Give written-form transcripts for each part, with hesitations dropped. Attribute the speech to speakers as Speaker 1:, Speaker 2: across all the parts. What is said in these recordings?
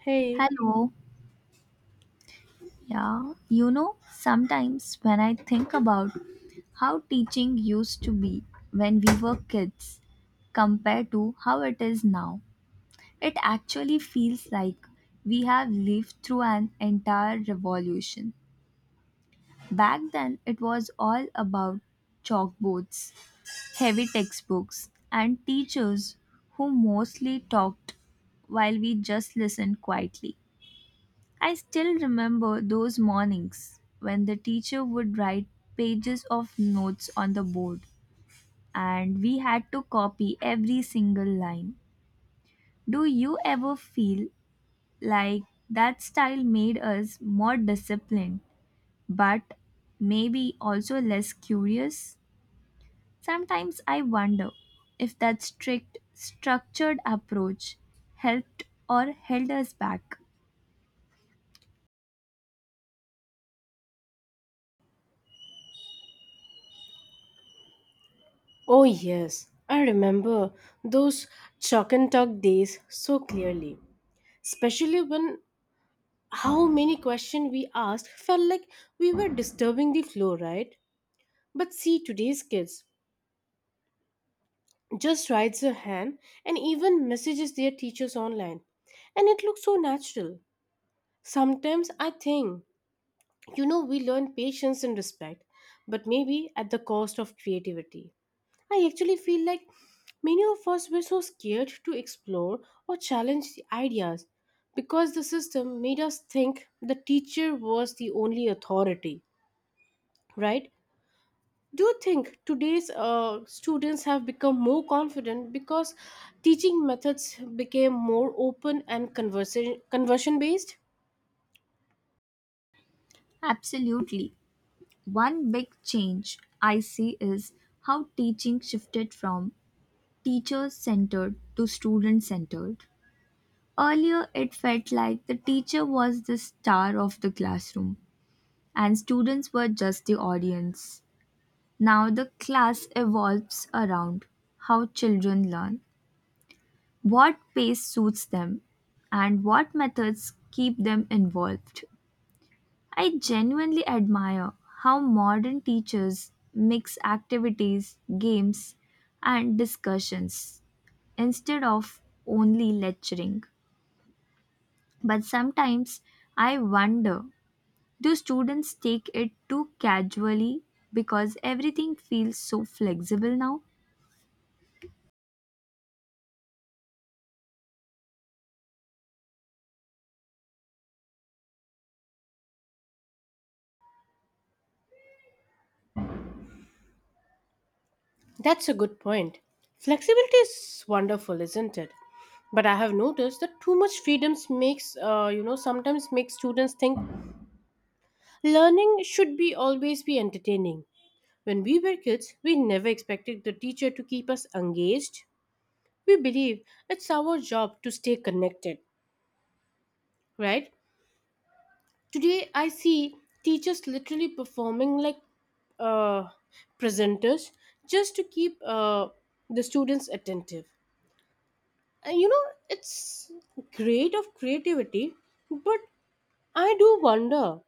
Speaker 1: Hey,
Speaker 2: Hello. Yeah, you know, sometimes when I think about how teaching used to be when we were kids compared to how it is now, it actually feels like we have lived through an entire revolution. Back then, it was all about chalkboards, heavy textbooks, and teachers who mostly talked while we just listened quietly. I still remember those mornings when the teacher would write pages of notes on the board and we had to copy every single line. Do you ever feel like that style made us more disciplined but maybe also less curious? Sometimes I wonder if that strict, structured approach helped or held us back.
Speaker 1: oh yes, I remember those chalk and talk days so clearly. Especially when how many questions we asked felt like we were disturbing the flow, right? But see, today's kids just writes a hand and even messages their teachers online. And it looks so natural. Sometimes I think, we learn patience and respect, but maybe at the cost of creativity. I actually feel like many of us were so scared to explore or challenge the ideas because the system made us think the teacher was the only authority, right? Do you think today's students have become more confident because teaching methods became more open and conversion based?
Speaker 2: Absolutely. One big change I see is how teaching shifted from teacher centered to student centered. Earlier, it felt like the teacher was the star of the classroom and students were just the audience. Now, the class evolves around how children learn, what pace suits them, and what methods keep them involved. I genuinely admire how modern teachers mix activities, games, and discussions instead of only lecturing. But sometimes I wonder, do students take it too casually because everything feels so flexible now?
Speaker 1: That's a good point. Flexibility is wonderful, isn't it? But I have noticed that too much freedoms makes sometimes makes students think learning should be always be entertaining. When we were kids, we never expected the teacher to keep us engaged. We believe it's our job to stay connected, right? Today, I see teachers literally performing like uh, presenters just to keep the students attentive. And it's great of creativity, but I do wonder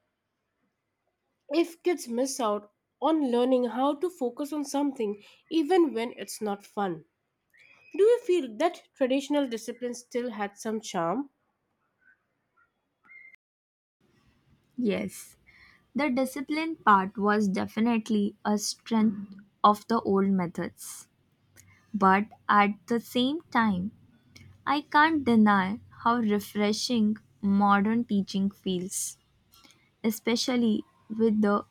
Speaker 1: if kids miss out on learning how to focus on something even when it's not fun. Do you feel that traditional discipline still had some charm?
Speaker 2: Yes, the discipline part was definitely a strength of the old methods. But at the same time, I can't deny how refreshing modern teaching feels, especially with the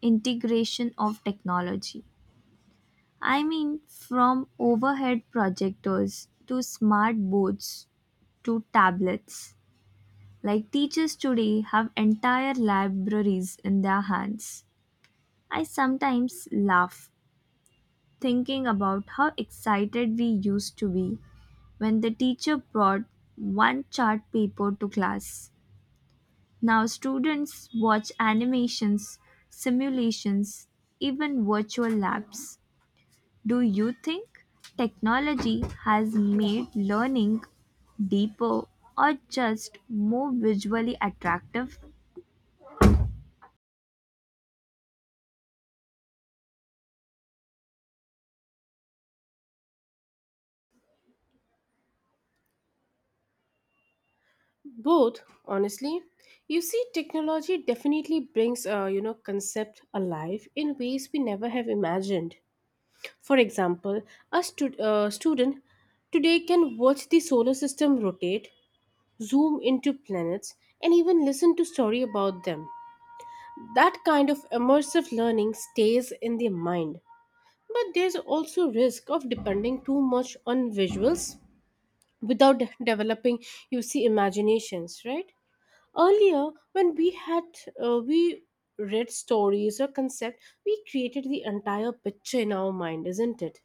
Speaker 2: integration of technology. I mean, from overhead projectors to smart boards to tablets. Like teachers today have entire libraries in their hands. I sometimes laugh thinking about how excited we used to be when the teacher brought one chart paper to class. Now students watch animations, simulations, even virtual labs. Do you think technology has made learning deeper or just more visually attractive?
Speaker 1: Both, honestly. You see, technology definitely brings a concept alive in ways we never have imagined. For example, a student today can watch the solar system rotate, zoom into planets, and even listen to story about them. That kind of immersive learning stays in the mind. But there's also risk of depending too much on visuals without developing imaginations, right? Earlier when we had we read stories or concept, we created the entire picture in our mind, isn't it?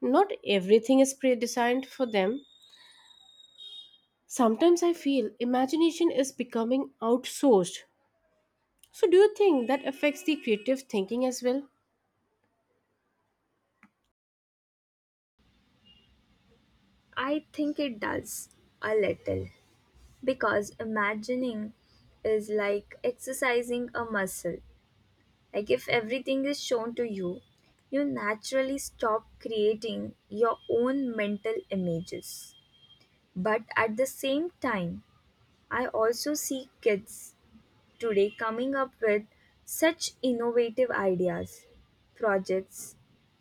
Speaker 1: Not everything is pre-designed for them. Sometimes I feel imagination is becoming outsourced. So do you think that affects the creative thinking as well?
Speaker 2: I think it does a little because imagining is like exercising a muscle. Like if everything is shown to you, you naturally stop creating your own mental images. But at the same time, I also see kids today coming up with such innovative ideas, projects,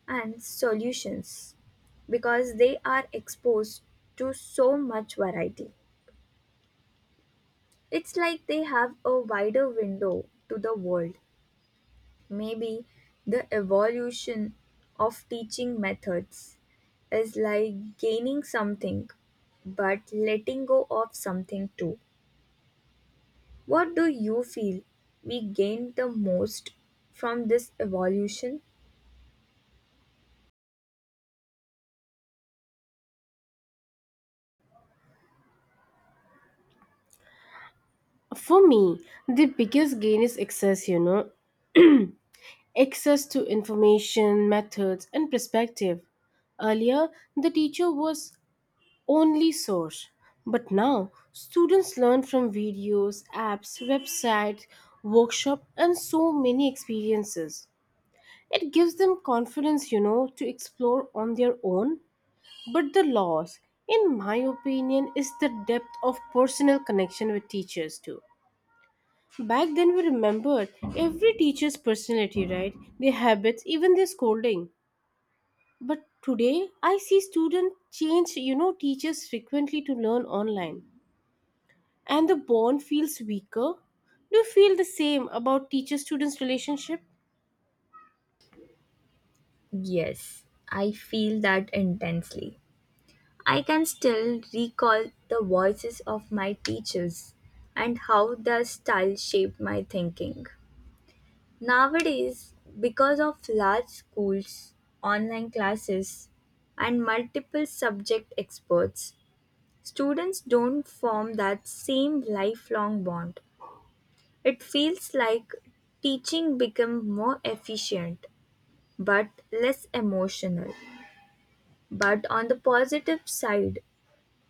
Speaker 2: and solutions because they are exposed to so much variety. It's like they have a wider window to the world. Maybe the evolution of teaching methods is like gaining something but letting go of something too. What do you feel we gained the most from this evolution?
Speaker 1: For me, the biggest gain is access, access to information, methods, and perspective. Earlier, the teacher was only source, but now students learn from videos, apps, websites, workshop, and so many experiences. It gives them confidence, to explore on their own. But the loss, in my opinion, is the depth of personal connection with teachers too. Back then, we remembered every teacher's personality, right? Their habits, even their scolding. But today, I see students change, teachers frequently to learn online. And the bond feels weaker. Do you feel the same about teacher students' relationship?
Speaker 2: Yes, I feel that intensely. I can still recall the voices of my teachers and how their style shaped my thinking. Nowadays, because of large schools, online classes, and multiple subject experts, students don't form that same lifelong bond. It feels like teaching become more efficient but less emotional. But on the positive side,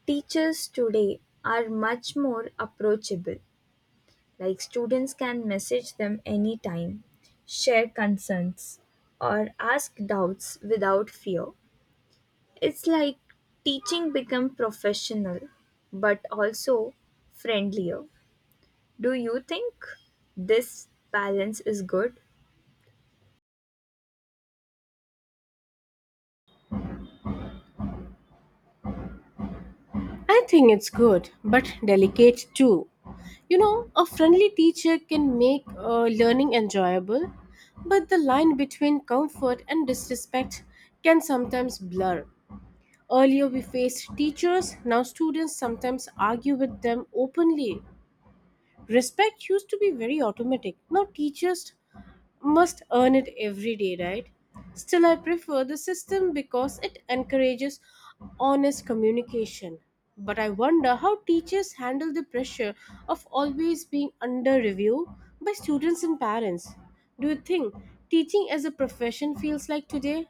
Speaker 2: teachers today are much more approachable. Like students can message them anytime, share concerns, or ask doubts without fear. It's like teaching become professional but also friendlier. Do you think this balance is good?
Speaker 1: I think it's good, but delicate too. You know, a friendly teacher can make learning enjoyable, but the line between comfort and disrespect can sometimes blur. Earlier, we faced teachers, now students sometimes argue with them openly. Respect used to be very automatic. Now, teachers must earn it every day, right? Still, I prefer the system because it encourages honest communication. But I wonder how teachers handle the pressure of always being under review by students and parents. Do you think teaching as a profession feels like today?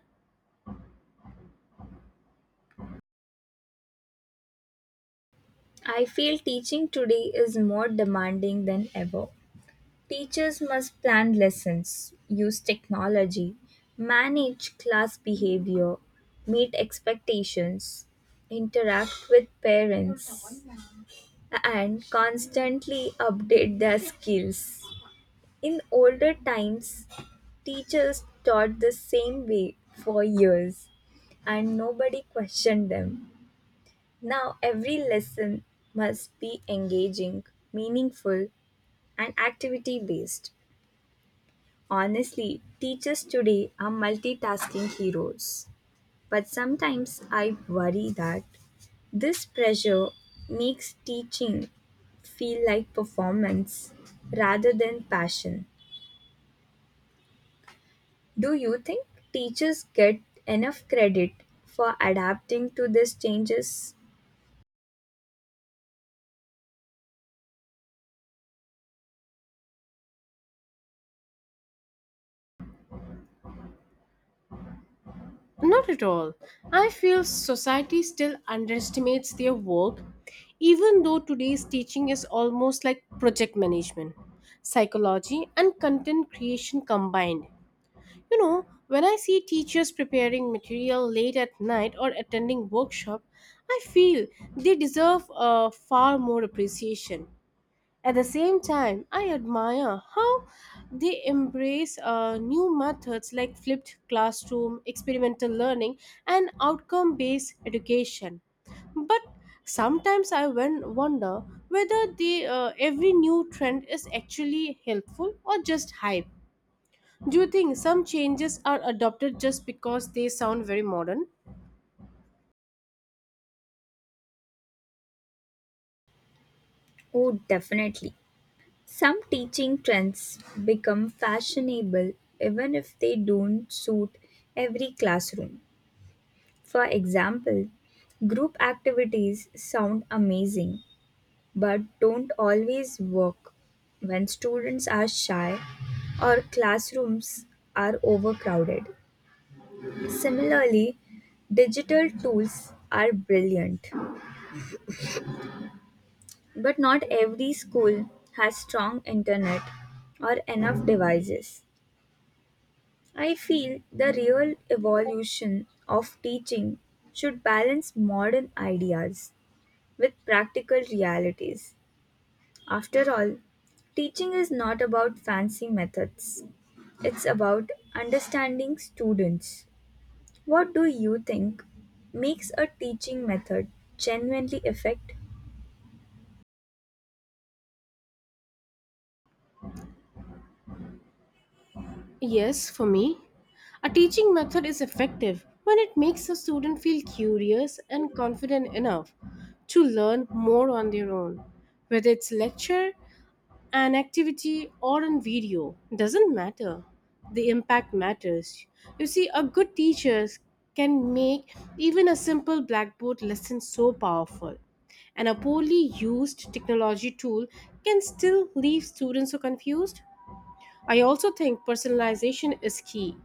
Speaker 2: I feel teaching today is more demanding than ever. Teachers must plan lessons, use technology, manage class behavior, meet expectations, interact with parents, and constantly update their skills. In older times, teachers taught the same way for years and nobody questioned them. Now every lesson must be engaging, meaningful, and activity based. Honestly, teachers today are multitasking heroes. But sometimes I worry that this pressure makes teaching feel like performance rather than passion. Do you think teachers get enough credit for adapting to these changes?
Speaker 1: Not at all. I feel society still underestimates their work, even though today's teaching is almost like project management, psychology, and content creation combined. You know, when I see teachers preparing material late at night or attending workshop, I feel they deserve far more appreciation. At the same time, I admire how they embrace new methods like flipped classroom, experimental learning, and outcome based education. But sometimes wonder whether every new trend is actually helpful or just hype. Do you think some changes are adopted just because they sound very modern?
Speaker 2: Oh, definitely. Some teaching trends become fashionable even if they don't suit every classroom. For example, group activities sound amazing but don't always work when students are shy or classrooms are overcrowded. Similarly, digital tools are brilliant, but not every school has strong internet or enough devices. I feel the real evolution of teaching should balance modern ideas with practical realities. After all, teaching is not about fancy methods, it's about understanding students. What do you think makes a teaching method genuinely effective?
Speaker 1: Yes, for me, a teaching method is effective when it makes a student feel curious and confident enough to learn more on their own. Whether it's lecture, an activity, or on video, doesn't matter. The impact matters. You see, a good teacher can make even a simple blackboard lesson so powerful. And a poorly used technology tool can still leave students so confused. I also think personalization is key.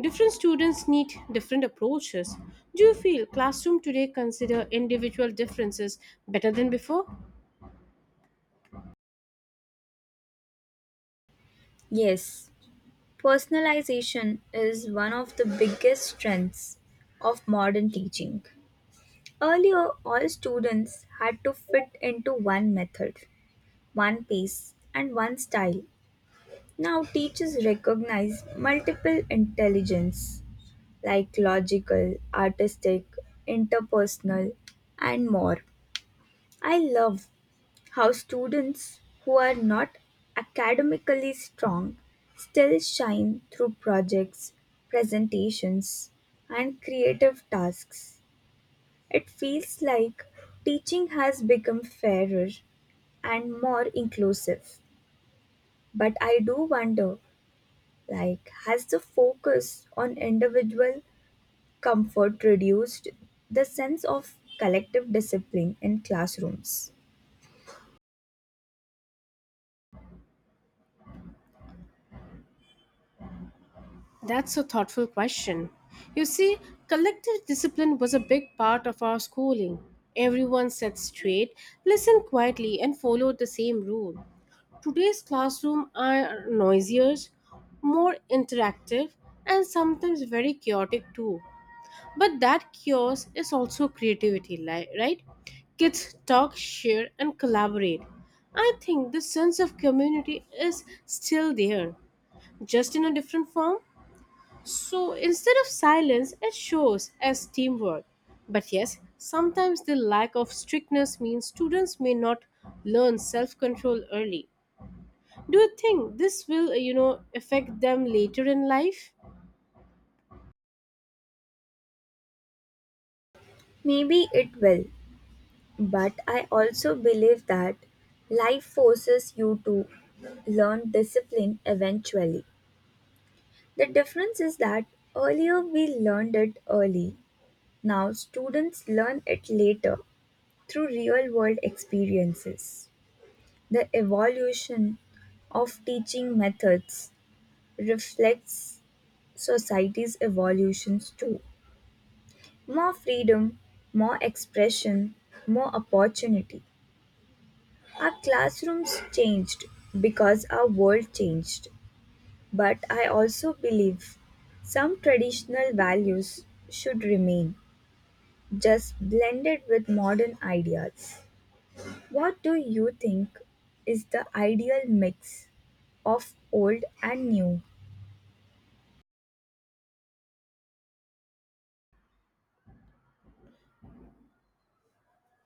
Speaker 1: Different students need different approaches. Do you feel classroom today consider individual differences better than before?
Speaker 2: Yes, personalization is one of the biggest strengths of modern teaching. Earlier, all students had to fit into one method, one pace, and one style. Now, teachers recognize multiple intelligence like logical, artistic, interpersonal, and more. I love how students who are not academically strong still shine through projects, presentations, and creative tasks. It feels like teaching has become fairer and more inclusive. But I do wonder, like, has the focus on individual comfort reduced the sense of collective discipline in classrooms?
Speaker 1: That's a thoughtful question. You see, collective discipline was a big part of our schooling. Everyone sat straight, listened quietly, and followed the same rule. Today's classroom are noisier, more interactive, and sometimes very chaotic too. But that chaos is also creativity, right? Kids talk, share, and collaborate. I think the sense of community is still there, just in a different form. So instead of silence, it shows as teamwork. But yes, sometimes the lack of strictness means students may not learn self control early. Do you think this will, affect them later in life?
Speaker 2: Maybe it will, but I also believe that life forces you to learn discipline eventually. The difference is that earlier we learned it early. Now students learn it later through real world experiences. The evolution of teaching methods reflects society's evolutions too. More freedom, more expression, more opportunity. Our classrooms changed because our world changed. But I also believe some traditional values should remain, just blended with modern ideas. What do you think is the ideal mix of old and new?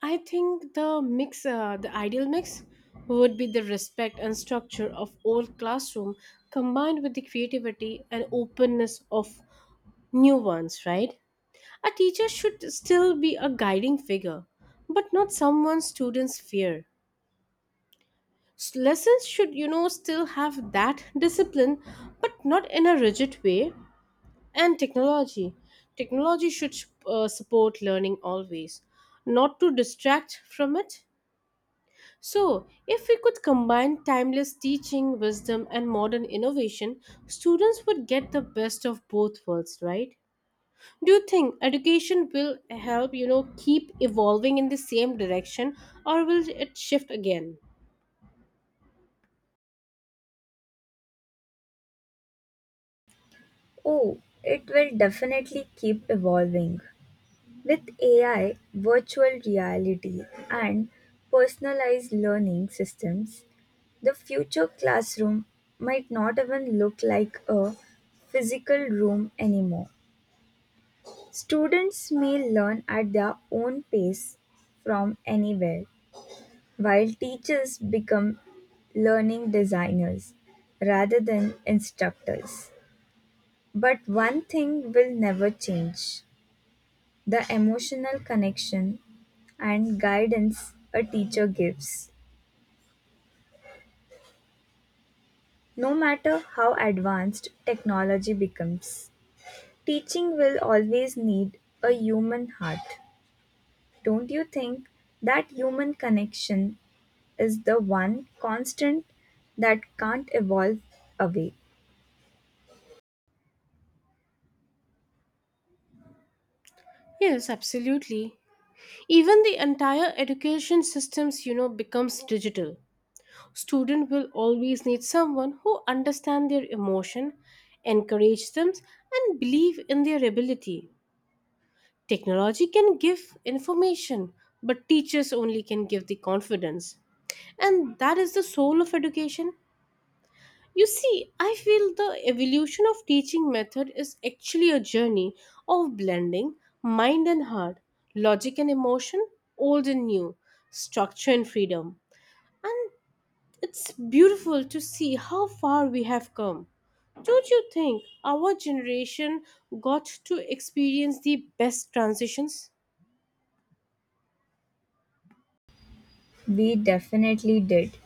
Speaker 1: I think the ideal mix would be the respect and structure of old classroom combined with the creativity and openness of new ones, right? A teacher should still be a guiding figure, but not someone students fear. Lessons should, still have that discipline, but not in a rigid way. And technology. Technology should support learning always, not to distract from it. So, if we could combine timeless teaching, wisdom, and modern innovation, students would get the best of both worlds, right? Do you think education will help, keep evolving in the same direction or will it shift again?
Speaker 2: Oh, it will definitely keep evolving. With AI, virtual reality, and personalized learning systems, the future classroom might not even look like a physical room anymore. Students may learn at their own pace from anywhere, while teachers become learning designers rather than instructors. But one thing will never change, the emotional connection and guidance a teacher gives. No matter how advanced technology becomes, teaching will always need a human heart. Don't you think that human connection is the one constant that can't evolve away?
Speaker 1: Yes, absolutely. Even the entire education systems, becomes digital. Student will always need someone who understand their emotion, encourage them and believe in their ability. Technology can give information, but teachers only can give the confidence. And that is the soul of education. You see, I feel the evolution of teaching method is actually a journey of blending mind and heart, logic and emotion, old and new, structure and freedom. And it's beautiful to see how far we have come. Don't you think our generation got to experience the best transitions?
Speaker 2: We definitely did.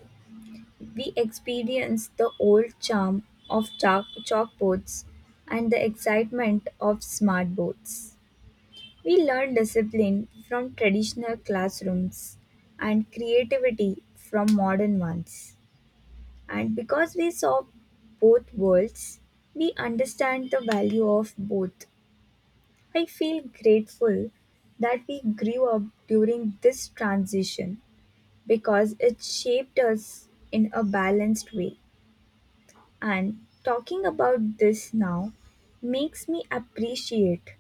Speaker 2: We experienced the old charm of chalkboards and the excitement of smartboards. We learned discipline from traditional classrooms and creativity from modern ones. And because we saw both worlds, we understand the value of both. I feel grateful that we grew up during this transition, because it shaped us in a balanced way. And talking about this now makes me appreciate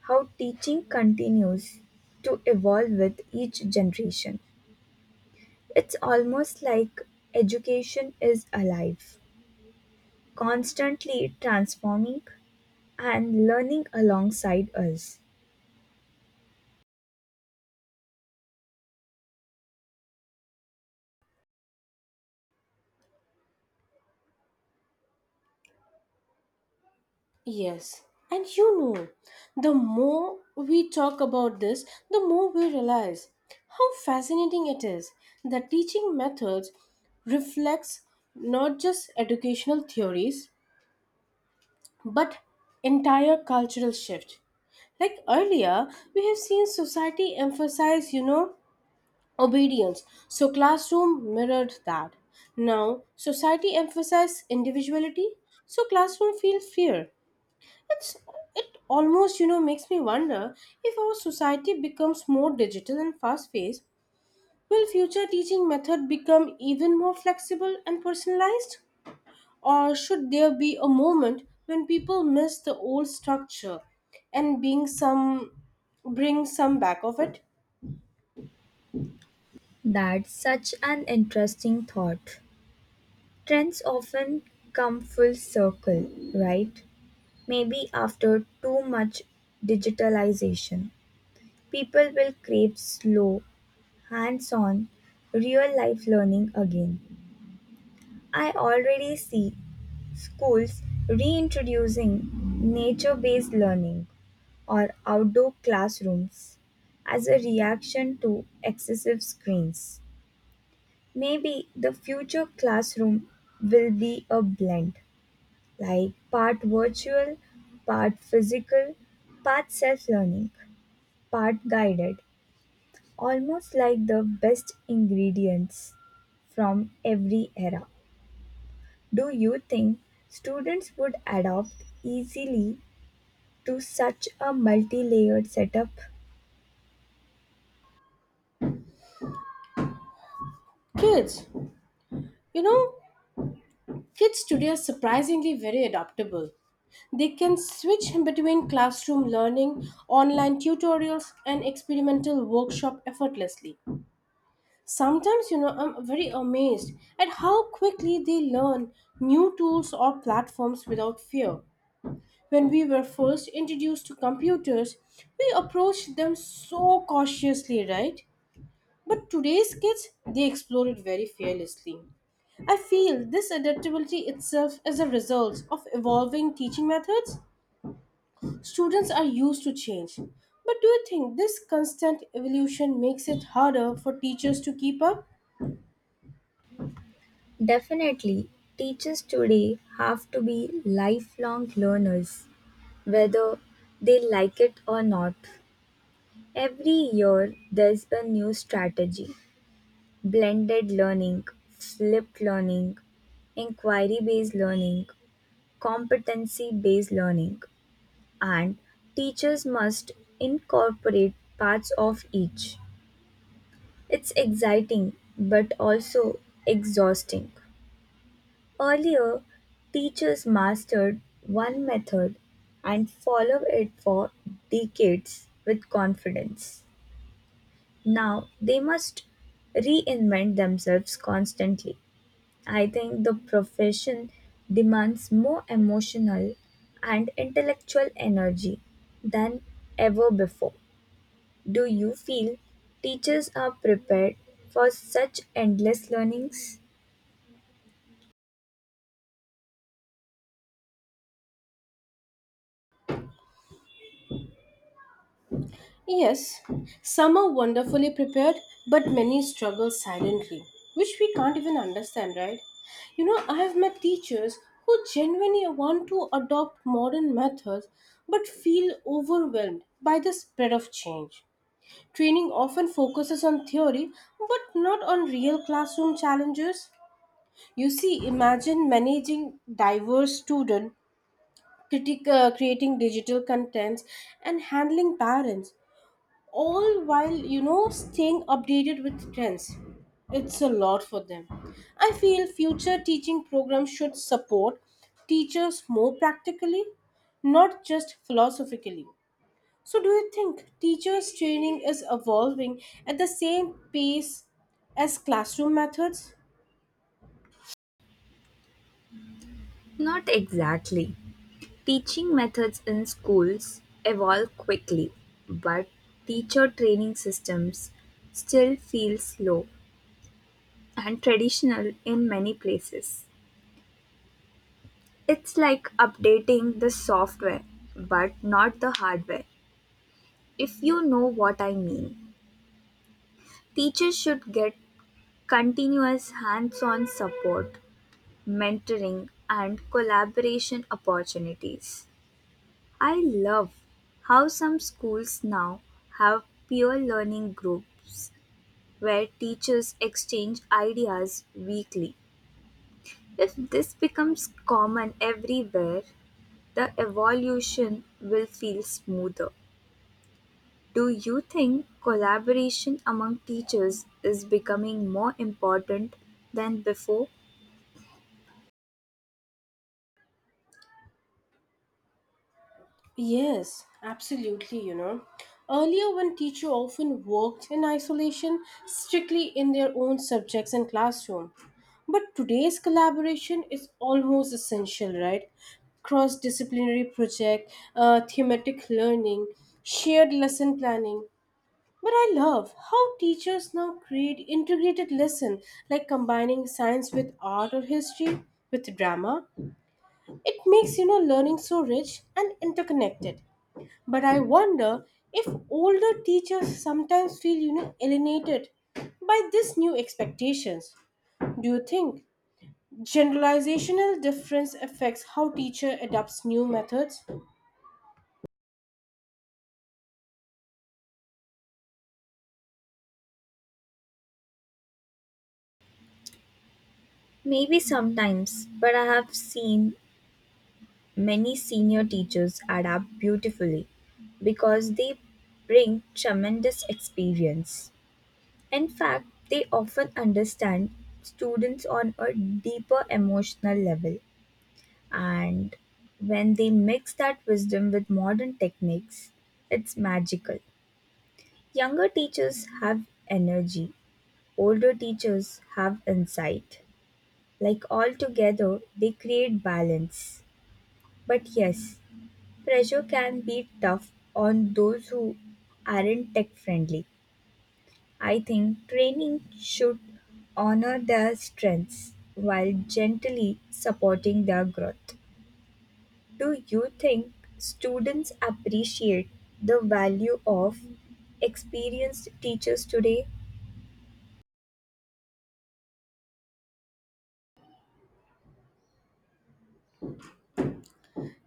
Speaker 2: how teaching continues to evolve with each generation. It's almost like education is alive, constantly transforming and learning alongside us.
Speaker 1: Yes, and the more we talk about this, the more we realize how fascinating it is that teaching methods reflects not just educational theories but entire cultural shift. Like earlier, we have seen society emphasize, obedience, so classroom mirrored that. Now, society emphasizes individuality, so classroom feels fear. It's, it almost, makes me wonder if our society becomes more digital and fast paced, will future teaching method become even more flexible and personalized? Or should there be a moment when people miss the old structure and being some bring some back of it?
Speaker 2: That's such an interesting thought. Trends often come full circle, right? Maybe after too much digitalization, people will crave slow, hands on, real life learning again. I already see schools reintroducing nature based learning or outdoor classrooms as a reaction to excessive screens. Maybe the future classroom will be a blend, like part virtual, part physical, part self learning, part guided, almost like the best ingredients from every era. Do you think students would adapt easily to such a multi layered setup?
Speaker 1: Kids, you know, Kids today are surprisingly very adaptable. They can switch between classroom learning, online tutorials, and experimental workshop effortlessly. Sometimes, I'm very amazed at how quickly they learn new tools or platforms without fear. When we were first introduced to computers, we approached them so cautiously, right? But today's kids, they explore it very fearlessly. I feel this adaptability itself is a result of evolving teaching methods. Students are used to change. But do you think this constant evolution makes it harder for teachers to keep up?
Speaker 2: Definitely, teachers today have to be lifelong learners, whether they like it or not. Every year, there's a new strategy, blended learning, flipped learning, inquiry based learning, competency based learning, and teachers must incorporate parts of each. It's exciting but also exhausting. Earlier, teachers mastered one method and followed it for decades with confidence. Now they must reinvent themselves constantly. I think the profession demands more emotional and intellectual energy than ever before. Do you feel teachers are prepared for such endless learnings?
Speaker 1: Yes, some are wonderfully prepared, but many struggle silently, which we can't even understand, right? You know, I have met teachers who genuinely want to adopt modern methods but feel overwhelmed by the spread of change. Training often focuses on theory but not on real classroom challenges. You see, imagine managing diverse students, creating digital contents, and handling parents, all while staying updated with trends. It's a lot for them. I feel future teaching programs should support teachers more practically, not just philosophically. So, do you think teachers' training is evolving at the same pace as classroom methods?
Speaker 2: Not exactly. Teaching methods in schools evolve quickly, but teacher training systems still feel slow and traditional in many places. It's like updating the software, but not the hardware, if you know what I mean. Teachers should get continuous hands on support, mentoring, and collaboration opportunities. I love how some schools now have peer learning groups where teachers exchange ideas weekly. If this becomes common everywhere, the evolution will feel smoother. Do you think collaboration among teachers is becoming more important than before?
Speaker 1: Yes, absolutely, you know. Earlier, when teacher often worked in isolation, strictly in their own subjects and classroom. But today's collaboration is almost essential, right? Cross disciplinary project, thematic learning, shared lesson planning. But I love how teachers now create integrated lesson like combining science with art or history with drama. It makes learning so rich and interconnected. But I wonder if older teachers sometimes feel alienated by these new expectations. Do you think generalizational difference affects how teacher adopts new methods?
Speaker 2: Maybe sometimes, but I have seen many senior teachers adapt beautifully because they bring tremendous experience. In fact, they often understand students on a deeper emotional level, and when they mix that wisdom with modern techniques, it's magical. Younger teachers have energy, older teachers have insight. Like all together, they create balance. But yes, pressure can be tough on those who aren't tech friendly. I think training should honor their strengths while gently supporting their growth. Do you think students appreciate the value of experienced teachers today?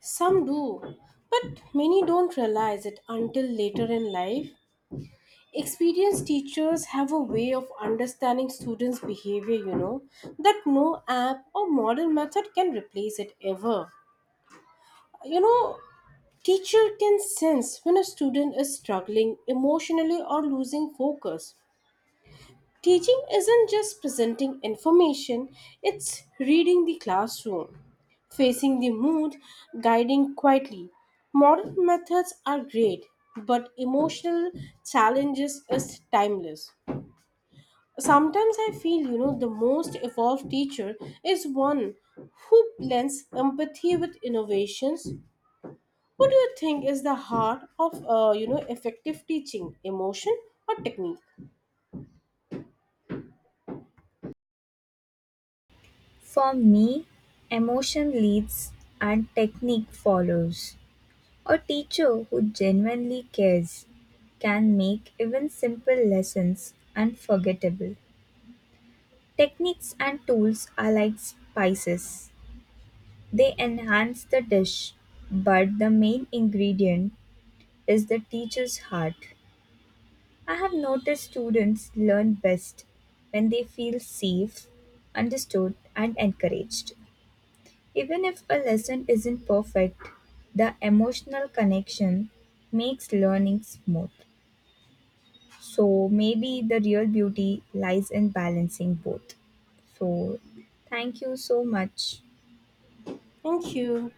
Speaker 1: Some do, but many don't realize it until later in life. Experienced teachers have a way of understanding students behavior that no app or modern method can replace it ever. You know, teacher can sense when a student is struggling emotionally or losing focus. Teaching isn't just presenting information, it's reading the classroom, facing the mood, guiding quietly. Modern methods are great, but emotional challenges is timeless. Sometimes I feel, the most evolved teacher is one who blends empathy with innovations. What do you think is the heart of, effective teaching? Emotion or technique?
Speaker 2: For me, emotion leads and technique follows. A teacher who genuinely cares can make even simple lessons unforgettable. Techniques and tools are like spices. They enhance the dish, but the main ingredient is the teacher's heart. I have noticed students learn best when they feel safe, understood, and encouraged. Even if a lesson isn't perfect, the emotional connection makes learning smooth. So maybe the real beauty lies in balancing both. So thank you so much.
Speaker 1: Thank you.